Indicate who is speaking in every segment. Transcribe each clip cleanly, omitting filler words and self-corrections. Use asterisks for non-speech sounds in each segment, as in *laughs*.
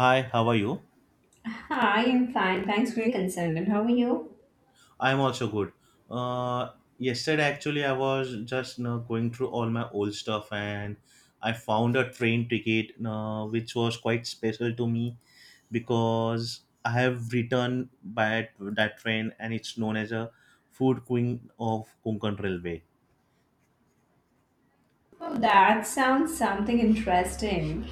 Speaker 1: Hi, how are you?
Speaker 2: Hi, I'm fine. Thanks for your concern. And how are you?
Speaker 1: I'm also good. Uh, Yesterday, actually, I was just going through all my old stuff, and I found a train ticket you which was quite special to me because I have returned by that train, and it's known as a food queen of Konkan Railway.
Speaker 2: Well, that sounds something interesting.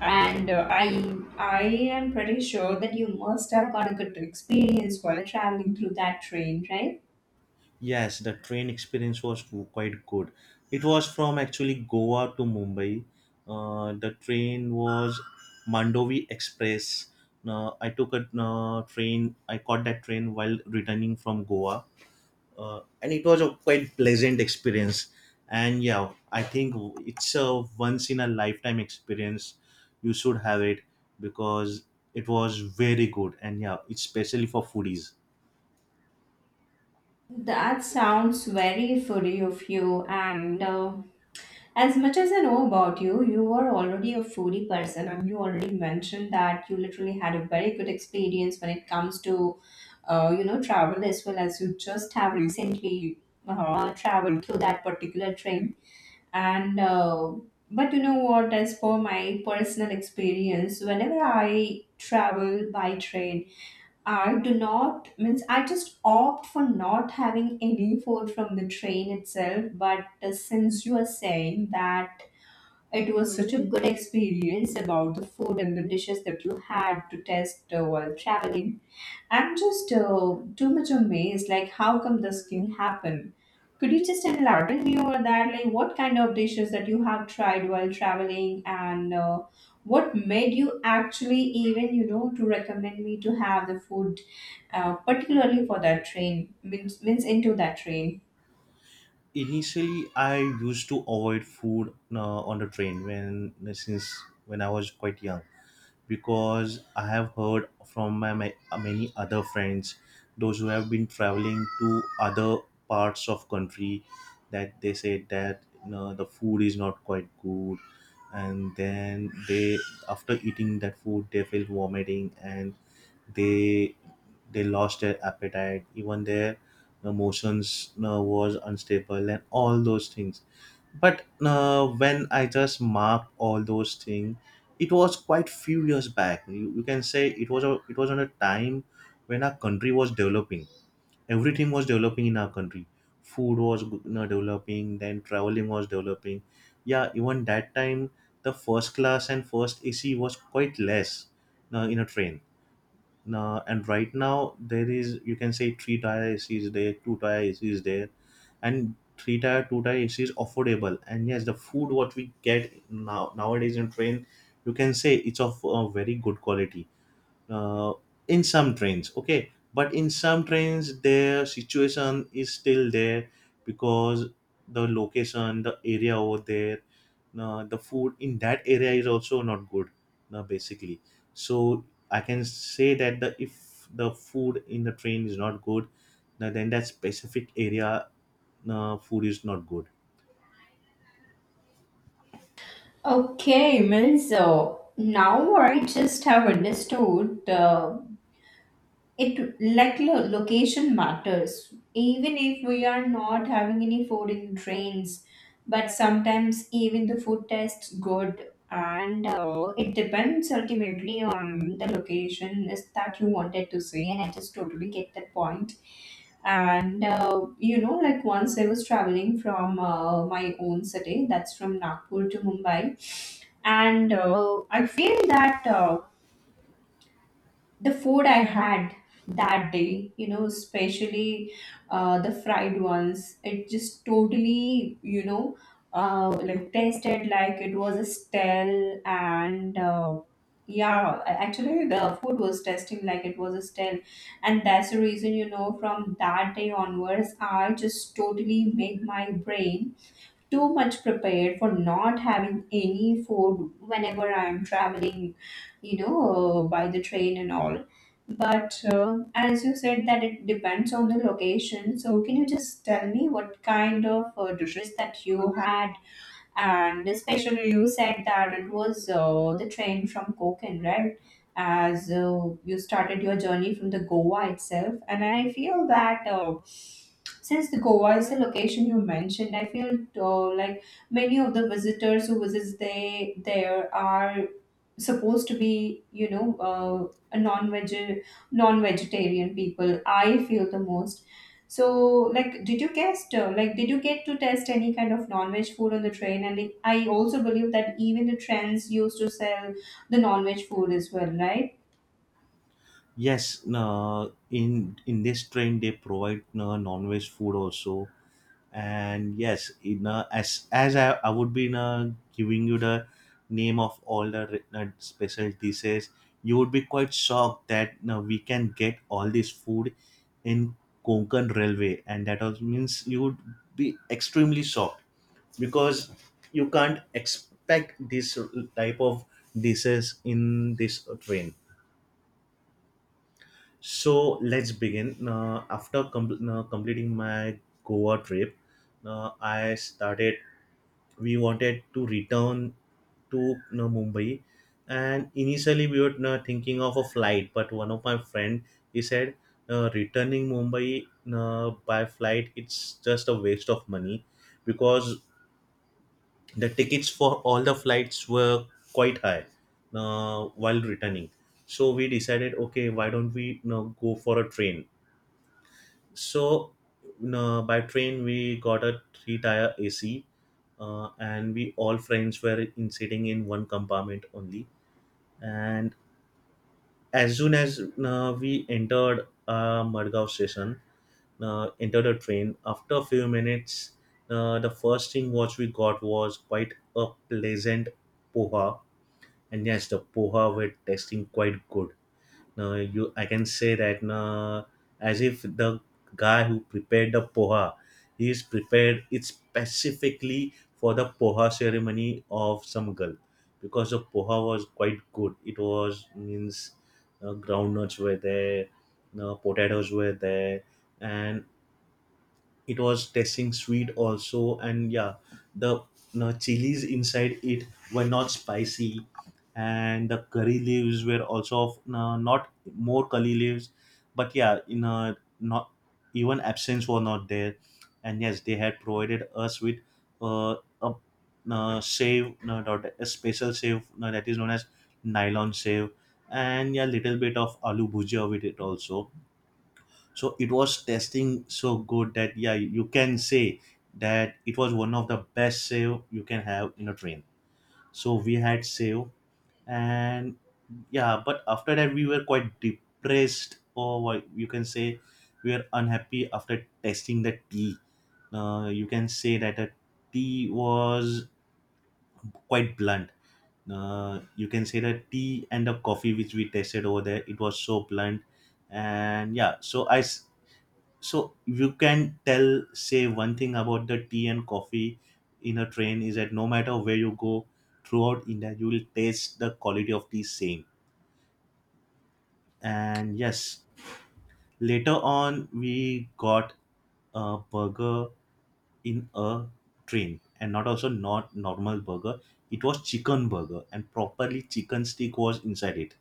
Speaker 2: And I am pretty sure that you must have got a good experience while traveling through that train, right?
Speaker 1: Yes, the train experience was quite good. It was from actually Goa to Mumbai. The train was Mandovi Express. I took a train. I caught that train while returning from Goa, and it was a quite pleasant experience. And yeah, I think it's a once in a lifetime experience. You should have it because it was very good. And yeah, it's especially for foodies.
Speaker 2: That sounds very foodie of you, and as much as I know about you, you were already a foodie person, and you already mentioned that you literally had a very good experience when it comes to, travel as well as you just have recently traveled through that particular train. And But you know what? As for my personal experience, whenever I travel by train, I do not means I just opt for not having any food from the train itself. But since you are saying that it was such a good experience about the food and the dishes that you had to test while traveling. I'm just too much amazed, like how come this can happen? Could you just elaborate me over that? Like what kind of dishes that you have tried while traveling and what made you actually even, you know, to recommend me to have the food, particularly for that train, means into that train?
Speaker 1: Initially, I used to avoid food on the train when I was quite young because I have heard from my many other friends, those who have been traveling to other parts of country, that they said that, the food is not quite good, and then they, after eating that food, they feel vomiting, and they lost their appetite, even their emotions was unstable and all those things. But when I just mark all those things, it was quite few years back. You can say it was a it was on a time when our country was developing, everything was developing in our country, food was, developing, then traveling was developing. Yeah, even that time, the first class and first ac was quite less in a train. Now, and right now, there is, you can say, three tire AC is there, two tire AC is there, and three tire, two tire AC is affordable. And yes, the food what we get now, nowadays, in train, you can say it's of a very good quality uh, in some trains. Okay, but in some trains, their situation is still there because the location, the area over there, the food in that area is also not good, basically. So I can say that the, if the food in the train is not good, then that specific area food is not good.
Speaker 2: Okay, Melzo. Now I just have understood it like location matters. Even if we are not having any food in trains, but sometimes even the food tastes good, and it depends ultimately on the location is that you wanted to see. And I just totally get that point. And you know, like once I was traveling from my own city, that's from Nagpur to Mumbai, and I feel that the food I had that day, you know, especially the fried ones, it just totally, you know, like tasted like it was a stale, and yeah, actually the food was tasting like it was a stale, and that's the reason, you know, from that day onwards I just totally made my brain too much prepared for not having any food whenever I am traveling, you know, by the train and all. But as you said, that it depends on the location. So, can you just tell me what kind of dishes that you had, and especially you said that it was the train from Konkan, right? As you started your journey from the Goa itself, and I feel that since the Goa is the location you mentioned, I feel like many of the visitors who visits, they there are supposed to be, you know, a non-veg non-vegetarian people, I feel the most. So like did you test, like did you get to test any kind of non-veg food on the train? And it, I also believe that even the trains used to sell the non-veg food as well, right?
Speaker 1: Yes, in this train they provide non-veg food also. And yes, as I would be giving you the name of all the special dishes, you would be quite shocked that, we can get all this food in Konkan Railway. And that also means you would be extremely shocked because you can't expect this type of dishes in this train. So let's begin. After completing my Goa trip, I started we wanted to return to, Mumbai, and initially we were, thinking of a flight. But one of my friend, he said, returning Mumbai by flight, it's just a waste of money because the tickets for all the flights were quite high while returning. So we decided, okay, why don't we, go for a train? So no, by train we got a three tire AC, and we all friends were in sitting in one compartment only. And as soon as we entered Madgaon station, entered a train. After a few minutes, the first thing what we got was quite a pleasant poha. And yes, the poha were tasting quite good, no, you, I can say that, no, as if the guy who prepared the poha, he is prepared it specifically for the poha ceremony of some girl, because the poha was quite good. It was means groundnuts were there, no, potatoes were there, and it was tasting sweet also. And yeah, the, chilies inside it were not spicy, and the curry leaves were also of, no, not more curry leaves, but yeah, not even absence were not there. And yes, they had provided us with uh, a save, no, not a special save, no, that is known as nylon save. And yeah, little bit of aloo bhujia with it also. So it was testing so good that, yeah, you can say that it was one of the best sale you can have in a train. So we had sale. And yeah, but after that we were quite depressed, or what you can say, we were unhappy after testing the tea. You can say that the tea was quite blunt. You can say that tea and the coffee which we tested over there, it was so blunt. And yeah, so you can say one thing about the tea and coffee in a train is that no matter where you go throughout India, you will taste the quality of tea same. And yes, later on we got a burger in a train, and not also not normal burger. It was chicken burger, and properly chicken stick was inside it.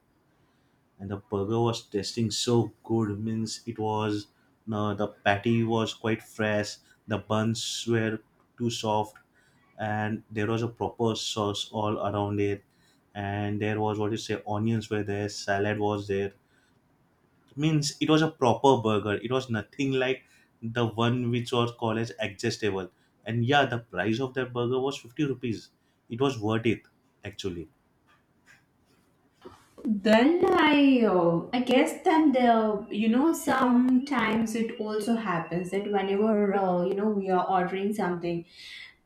Speaker 1: And the burger was tasting so good, means it was, no, the patty was quite fresh, the buns were too soft, and there was a proper sauce all around it. And there was, what you say, onions were there, salad was there, means it was a proper burger. It was nothing like the one which was called as digestible. And yeah, the price of that burger was 50 rupees. It was worth it, actually.
Speaker 2: Then I guess that the, you know, sometimes it also happens that whenever you know, we are ordering something,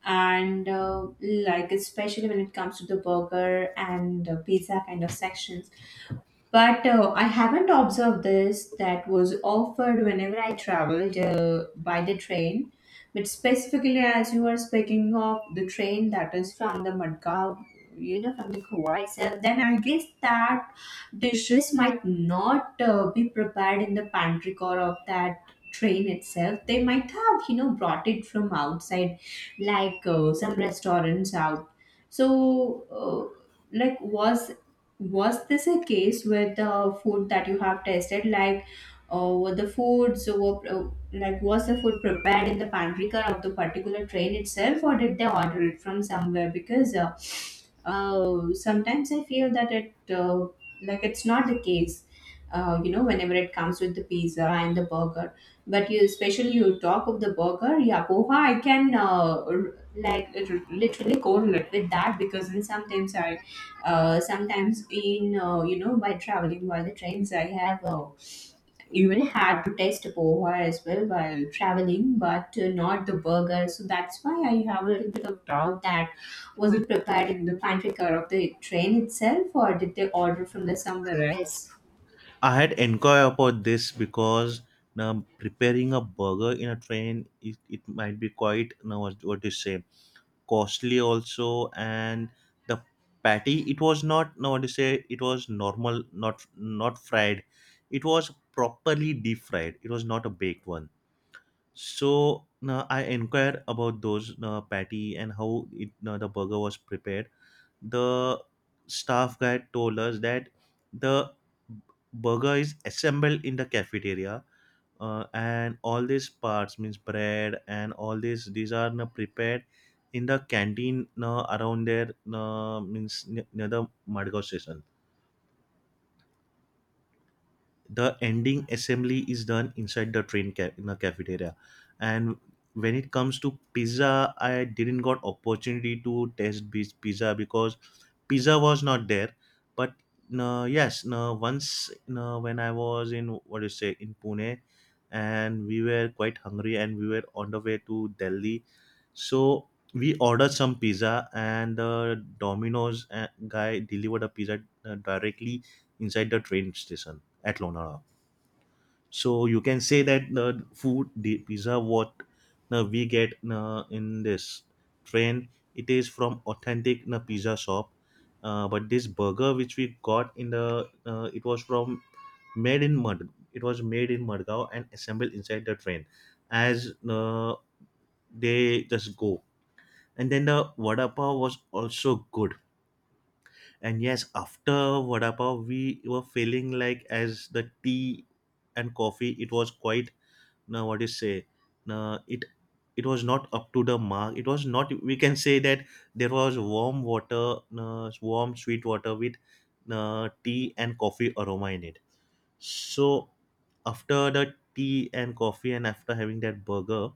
Speaker 2: and like especially when it comes to the burger and the pizza kind of sections. But I haven't observed this that was offered whenever I traveled by the train. But specifically, as you are speaking of the train that is from the Madgaon, you know, from the Goa itself, then I guess that dishes might not be prepared in the pantry car of that train itself. They might have, you know, brought it from outside, like some restaurants out. So, like, was this a case with the food that you have tested? Like were the foods were like was the food prepared in the pantry car of the particular train itself or did they order it from somewhere? Because sometimes I feel that it like it's not the case you know whenever it comes with the pizza and the burger. But you, especially you talk of the burger, yeah, poha I can, like it literally correlate with that because in sometimes I, sometimes in you know by traveling while the trains I have even had to taste poha as well while traveling, but not the burger. So that's why I have a little bit of doubt that was it prepared in the pantry car of the train itself or did they order from the somewhere else?
Speaker 1: I had inquired about this because, now, preparing a burger in a train, it might be quite, now, what do you say, costly also. And the patty, it was not, now, what do you say, it was normal, not fried, it was properly deep fried, it was not a baked one. So now I inquired about those, now, patty, and how it, now, the burger was prepared. The staff guy told us that the burger is assembled in the cafeteria, and all these parts, means bread and all this, these are now prepared in the canteen, now, around there, means near the Madgaon station. The ending assembly is done inside the train in the cafeteria. And when it comes to pizza, I didn't got opportunity to taste this pizza because pizza was not there. But yes, once, when I was in, what do you say, in Pune, and we were quite hungry, and we were on the way to Delhi, so we ordered some pizza. And the Domino's guy delivered a pizza directly inside the train station at Lonavala. So you can say that the food, the pizza, what we get in this train, it is from authentic pizza shop. But this burger which we got in it was from made in Mud. It was made in Madgaon and assembled inside the train, as they just go. And then the vada pav was also good. And yes, after vada pav, we were feeling like, as the tea and coffee, it was quite, now, what do you say, now, it was not up to the mark. It was not, we can say that there was warm water, warm sweet water, with tea and coffee aroma in it. So after the tea and coffee, and after having that burger,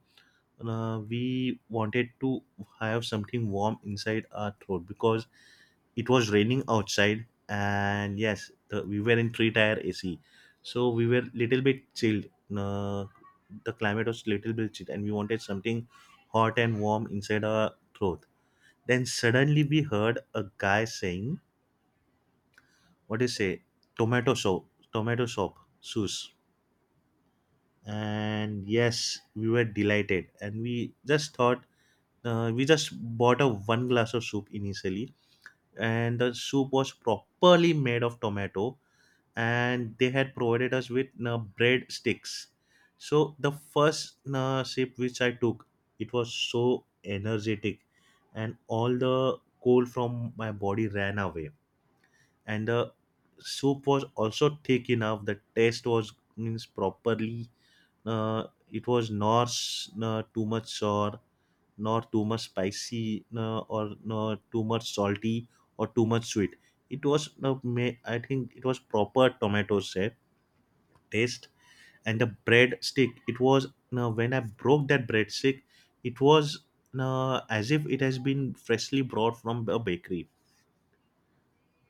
Speaker 1: we wanted to have something warm inside our throat because it was raining outside. And yes, we were in three tire ac, so we were little bit chilled. uh, the climate was little bit chilled, and we wanted something hot and warm inside our throat. Then suddenly we heard a guy saying, what do you say, tomato soup, tomato soup, sauce. And yes, we were delighted, and we just thought, we just bought a one glass of soup initially. And the soup was properly made of tomato, and they had provided us with bread sticks. So the first sip which I took, it was so energetic, and all the cold from my body ran away. And the soup was also thick enough. The taste was, means, properly. Uh, it was not too much sour, nor too much spicy, or nor too much salty, or too much sweet. It was, I think, it was proper tomato taste. And the bread stick, it was now when I broke that bread stick, it was now as if it has been freshly brought from a bakery.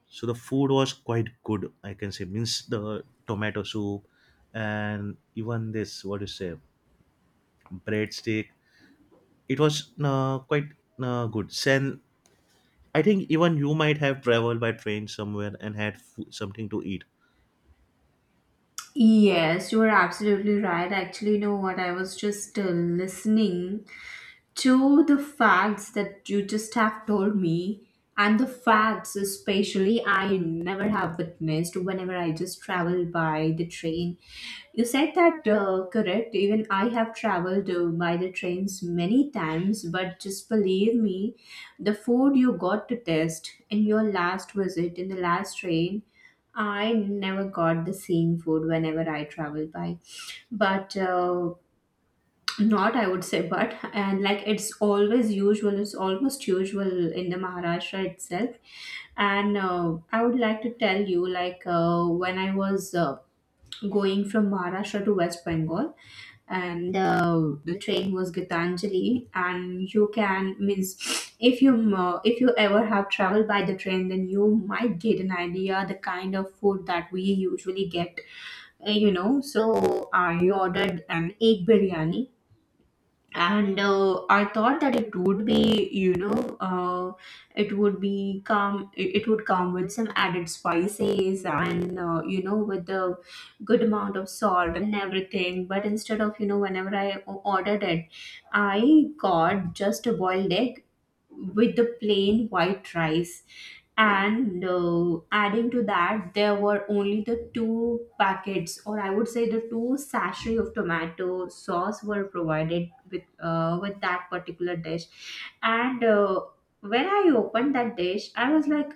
Speaker 1: So the food was quite good, I can say, means the tomato soup, and even this, what you say, breadstick, it was quite good. And I think even you might have traveled by train somewhere and had food, something to eat.
Speaker 2: Yes, you are absolutely right. Actually, you know what? I was just listening to the facts that you just have told me, and the facts especially I never have witnessed whenever I just travel by the train. You said that correct, even I have traveled by the trains many times, but just believe me, the food you got to taste in your last visit in the last train, I never got the same food whenever I travel by. But not, I would say, but and like it's always usual, it's almost usual in the Maharashtra itself. And I would like to tell you, like when I was going from Maharashtra to West Bengal, and the train was Gitanjali, and you can means if you ever have traveled by the train, then you might get an idea the kind of food that we usually get, you know. So I ordered an egg biryani, and I thought that it would be, you know, it would be come it would come with some added spices, and you know, with the good amount of salt and everything. But instead of, you know, whenever ordered it, I got just a boiled egg with the plain white rice. And adding to that, there were only the two packets, or I would say the two sachet of tomato sauce were provided with that particular dish. And when I opened that dish, I was like,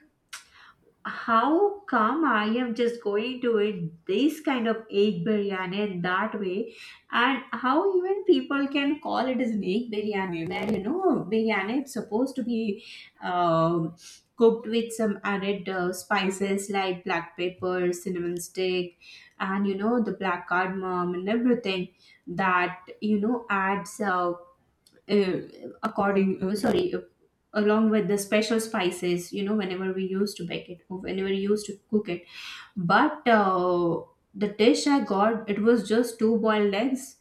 Speaker 2: how come I am just going to eat this kind of egg biryani in that way, and how even people can call it as an egg biryani, when you know biryani, it's supposed to be um cooked with some added spices like black pepper, cinnamon stick, and you know the black cardamom and everything, that you know adds uh, according sorry, along with the special spices, you know, whenever we used to bake it or whenever we used to cook it. But the dish I got, it was just two boiled eggs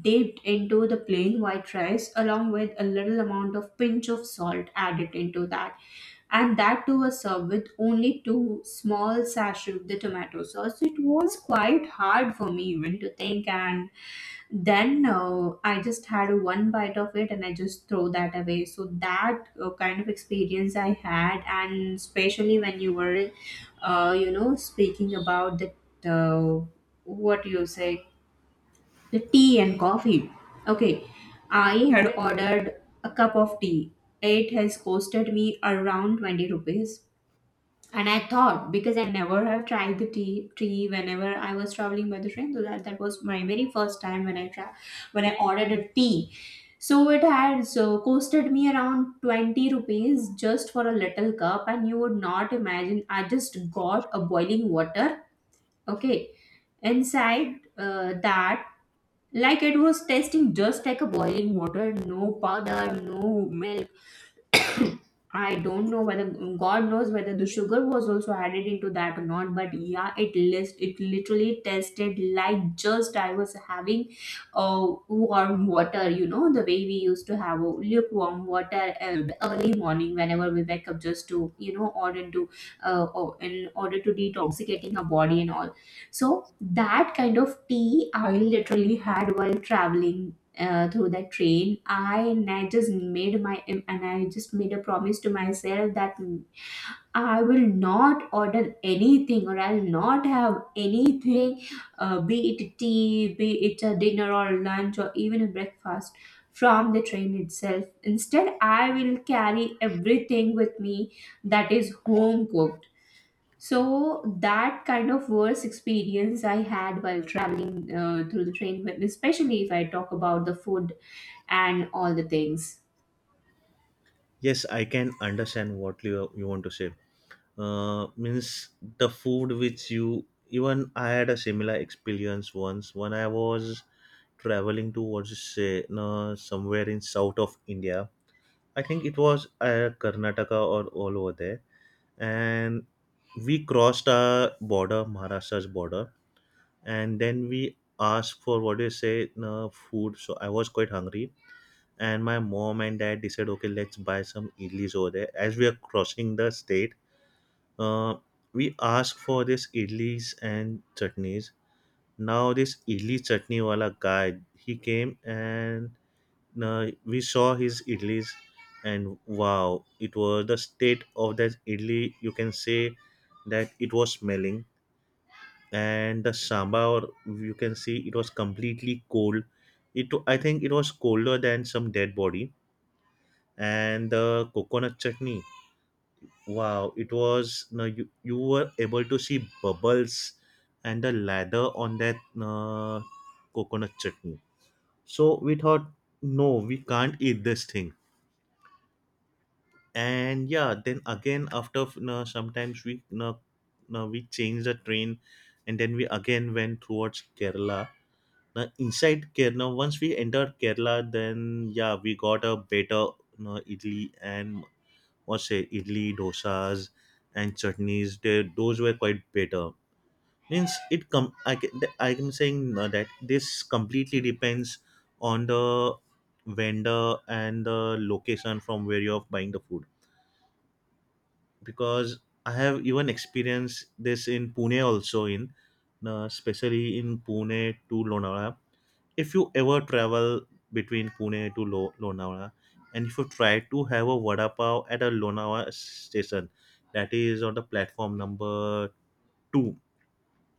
Speaker 2: dipped into the plain white rice along with a little amount of pinch of salt added into that. And that too was served with only two small sachets of the tomato sauce. It was quite hard for me even to think, and then I just had one bite of it and I just throw that away. So that kind of experience I had, and especially when you were you know, speaking about the uh, what do you say, the tea and coffee. Okay, I had ordered a cup of tea. It has costed me around 20 rupees. And I thought, because I never have tried the tea tea whenever I was traveling by the train, so that that was my very first time when when I ordered a tea. So it had so costed me around 20 rupees just for a little cup, and you would not imagine. I just got a boiling water. Okay, inside that, like it was tasting just like a boiling water, no powder, no milk. I don't know whether, God knows whether the sugar was also added into that or not, but yeah, it list it literally tasted like just I was having warm water. You know the way we used to have lukewarm water early morning whenever we wake up, just to you know order to or in order to detoxicating our body and all. So that kind of tea I literally had while traveling through the train. I, and I just made my, and I just made a promise to myself that I will not order anything, or I'll not have anything, be it tea, be it a dinner or lunch or even a breakfast from the train itself. Instead I will carry everything with me that is home cooked. So that kind of worst experience I had while traveling through the train, especially if I talk about the food and all the things.
Speaker 1: Yes, I can understand what you want to say. Means the food which you, even I had a similar experience once when I was traveling to, what to say, no, somewhere in south of India. I think it was Karnataka or all over there. And we crossed our border, Maharashtra's border, and then we asked for, what do you say, no, food. So I was quite hungry, and my mom and dad decided, okay, let's buy some idlis over there as we are crossing the state. uh, we ask for this idlis and chutneys. Now this idli chutney wala guy, he came and we saw his idlis, and wow, it was the state of that idli. You can say that it was smelling, and the sambar, you can see, it was completely cold. It, I think it was colder than some dead body, and the coconut chutney, wow, it was, no, you were able to see bubbles and the lather on that coconut chutney. So we thought, no, we can't eat this thing. And yeah, then again after, no, sometimes we, no, we changed the train, and then we again went towards Kerala. Now inside Kerala, once we entered Kerala, then yeah, we got a better, no, idli and, or say, idli, dosas, and chutneys. They, those were quite better. Means I can, I'm saying that this completely depends on the vendor and the location from where you're buying the food, because I have even experienced this in Pune also, in especially in Pune to Lonavala. If you ever travel between Pune to Lonavala, and if you try to have a vada pav at a Lonavala station, that is on the platform number two,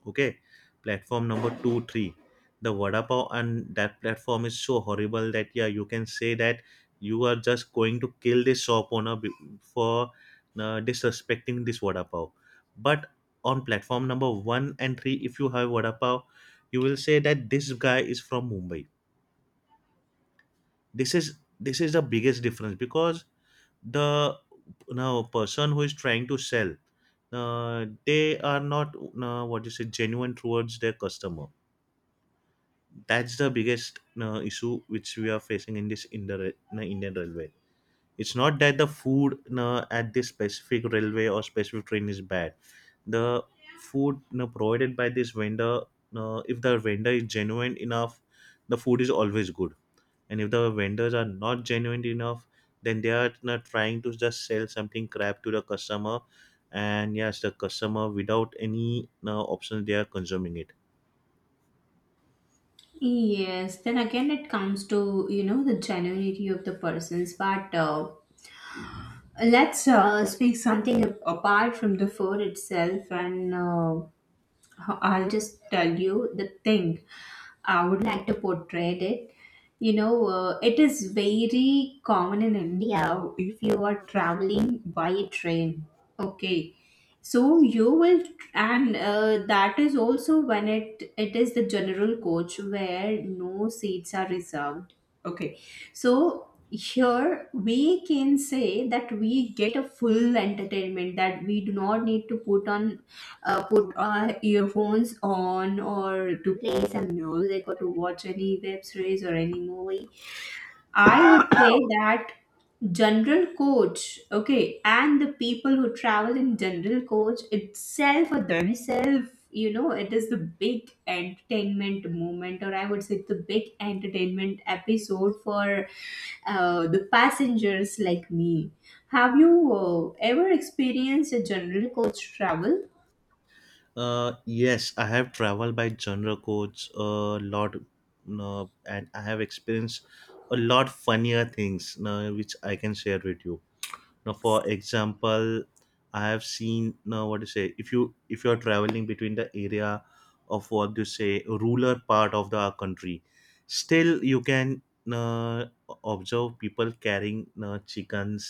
Speaker 1: okay, platform number two three, the vada pav and that platform is so horrible that yeah, you can say that you are just going to kill this shop owner for disrespecting this vada pav. But on platform number one and three, if you have vada pav, you will say that this guy is from Mumbai. This is, this is the biggest difference, because the, now, person who is trying to sell, they are not what you say, genuine towards their customer. That's the biggest issue which we are facing in this, in the in the Indian railway. It's not that the food at this specific railway or specific train is bad. The food provided by this vendor, if the vendor is genuine enough, the food is always good. And if the vendors are not genuine enough, then they are not trying to just sell something crap to the customer, and yes, the customer, without any option, they are consuming it.
Speaker 2: Yes, then again it comes to you know the genuinity of the persons, but let's speak something apart from the food itself, and I'll just tell you the thing I would like to portray it. You know, it is very common in India if you are traveling by train. Okay, so you will, and that is also when it is the general coach where no seats are reserved. Okay, so here we can say that we get a full entertainment that we do not need to put our earphones on or to play some music or to watch any web series or any movie. I would say that general coach, okay, and the people who travel in general coach itself or themselves, you know, it is the big entertainment moment, or I would say the big entertainment episode for the passengers like me. Have you ever experienced a general coach travel?
Speaker 1: Yes, I have traveled by genre codes a lot. And I have experienced a lot funnier things which I can share with you. Now, for example, I have seen, now what to say, if you are traveling between the area of, what you say, rural part of the country, still you can uh, observe people carrying chickens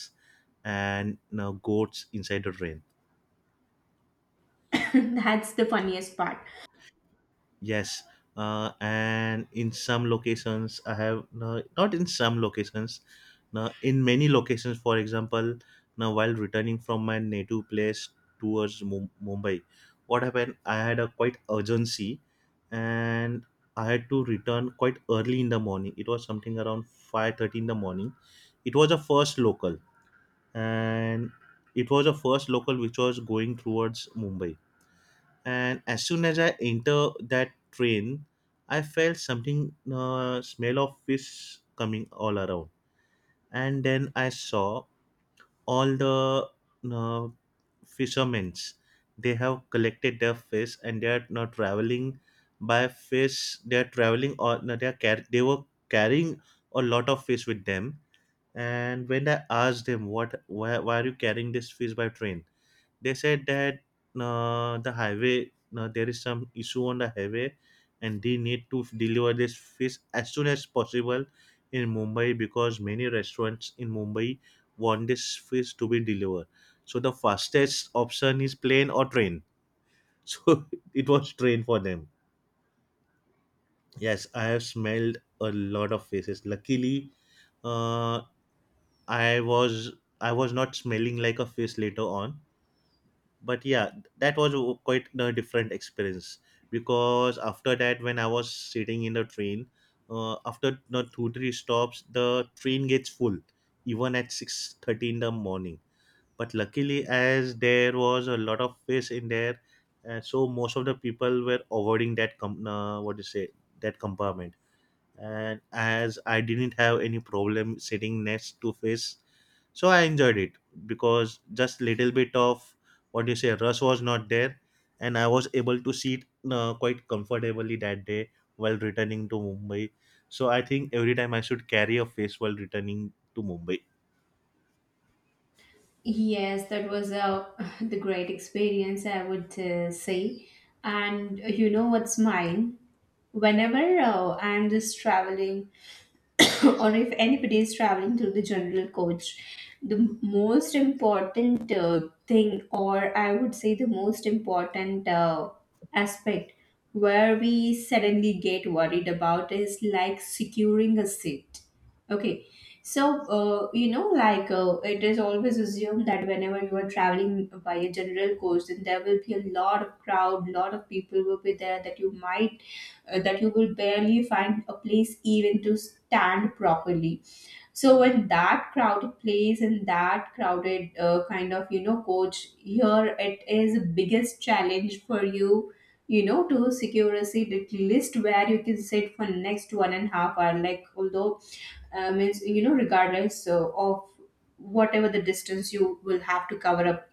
Speaker 1: and goats inside the train.
Speaker 2: *coughs* That's the funniest part.
Speaker 1: Yes, and in some locations, I have, no, not in some locations, no, in many locations. For example, now while returning from my native place towards Mumbai, what happened? I had a quite urgency, and I had to return quite early in the morning. It was something around 5:30 in the morning. It was a first local, and it was a first local which was going towards Mumbai. And as soon as I enter that train, I felt something, smell of fish coming all around, and then I saw all the uh, fishermen. They have collected their fish and they are now traveling by fish. They are traveling, or no, they are they were carrying a lot of fish with them. And when I asked them, "What? Why are you carrying this fish by train?" they said that the highway, there is some issue on the highway, and they need to deliver this fish as soon as possible in Mumbai, because many restaurants in Mumbai want this fish to be delivered. So the fastest option is plane or train. *laughs* So it was train for them. Yes, I have smelled a lot of faces. Luckily, uh, i was I was not smelling like a face later on. But yeah, that was quite a different experience, because after that when I was sitting in the train, after the two three stops, the train gets full, even at 6:30 in the morning. But luckily, as there was a lot of space in there, so most of the people were avoiding that what do you say, that compartment. And as I didn't have any problem sitting next to fish, so I enjoyed it, because just little bit of, what do you say, rush was not there, and I was able to sit quite comfortably that day while returning to Mumbai. So I think every time I should carry a fish while returning to Mumbai.
Speaker 2: Yes, that was a *laughs* the great experience, I would say. And you know what's mine? Whenever I'm just traveling *coughs* or if anybody is traveling through the general coach, the most important thing, or I would say the most important aspect where we suddenly get worried about is like securing a seat. Okay. So, you know, like it is always assumed that whenever you are traveling by a general coach, then there will be a lot of crowd, lot of people will be there that you might that you will barely find a place even to stand properly. So when that crowded place and that crowded kind of, you know, coach here, it is the biggest challenge for you. You know, to secure a seat at least where you can sit for next 1.5 hours. Like, although means, you know, regardless of whatever the distance you will have to cover up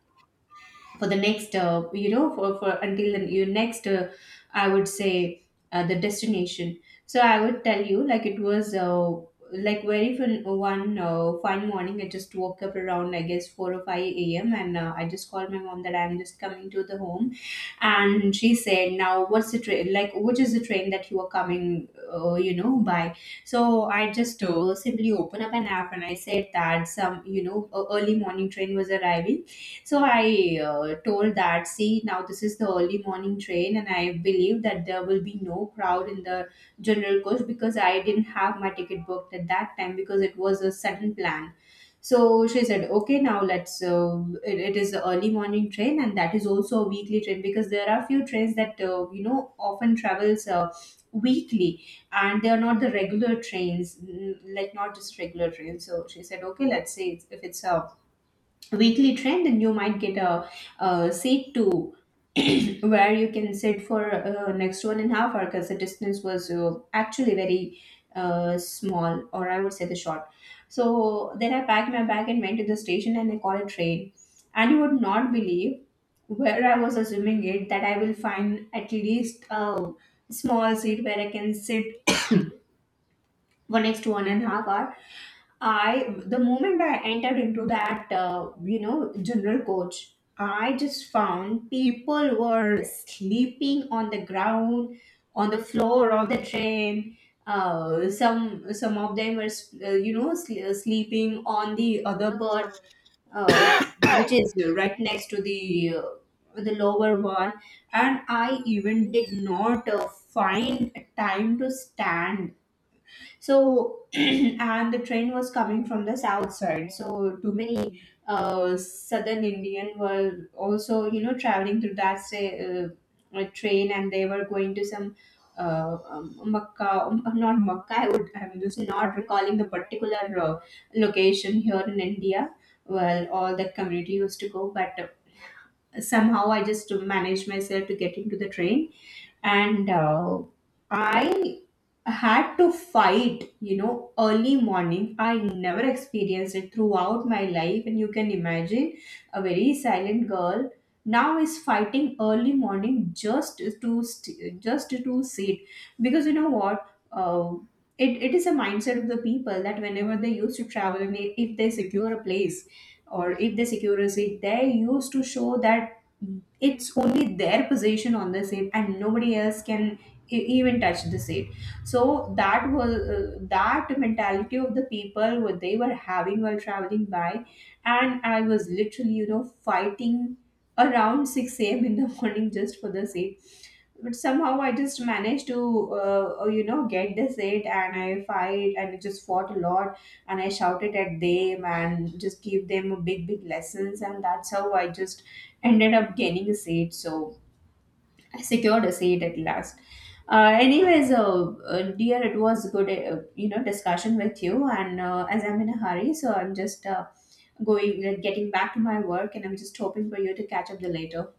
Speaker 2: for the next you know, for until the, your next I would say the destination. So I would tell you, like, it was like very fin- one fine morning I just woke up around, I guess, 4 or 5 a.m, and I just called my mom that I'm just coming to the home. And she said, now what's the train, like, which is the train that you are coming you know, by? So I just simply open up an app and I said that, some, you know, a early morning train was arriving. So I told that, see, now this is the early morning train, and I believe that there will be no crowd in the general coach because I didn't have my ticket booked at that time because it was a sudden plan. So she said, okay, now let's, it is the early morning train, and that is also a weekly train because there are few trains that, you know, often travels. Weekly, and they are not the regular trains, like not just regular trains. So she said, okay, let's see if it's a weekly trend and you might get a, seat to *clears throat* where you can sit for next 1.5 hours because the distance was actually very small, or I would say the short. So then I packed my bag and went to the station and I caught a train, and you would not believe, where I was assuming it that I will find at least a small seat where I can sit for next 1.5 hours. I the moment I entered into that you know, general coach, I just found people were sleeping on the ground, on the floor of the train. Some of them were you know, sleeping on the other berth, uh, which is right next to the lower one, and I even did not find a time to stand. So, *clears throat* and the train was coming from the south side. So, too many southern Indian were also, you know, traveling through that, say, train, and they were going to some Makkah, not Makkah, I would, I'm just not recalling the particular location here in India. Well, all that community used to go, but somehow I just managed myself to get into the train, and I had to fight. You know, early morning. I never experienced it throughout my life, and you can imagine a very silent girl now is fighting early morning just to just to sit, because you know what. Uh, it is a mindset of the people that whenever they used to travel and if they secure a place or if they secure a seat, they used to show that it's only their position on the seat and nobody else can even touch the seat. So that was that mentality of the people what they were having while traveling by. And I was literally, you know, fighting around 6 a.m in the *laughs* morning just for the seat. But somehow I just managed to, you know, get this it, and I fight and I just fought a lot, and I shouted at them and just gave them a big, big lessons, and that's how I just ended up gaining a seat. So I secured a seat at last. Anyways, dear, it was a good, you know, discussion with you, and as I'm in a hurry, so I'm just going, getting back to my work, and I'm just hoping for you to catch up the later.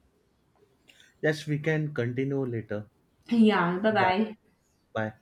Speaker 1: Yes, we can continue later.
Speaker 2: Yeah, bye
Speaker 1: Bye
Speaker 2: bye.
Speaker 1: bye.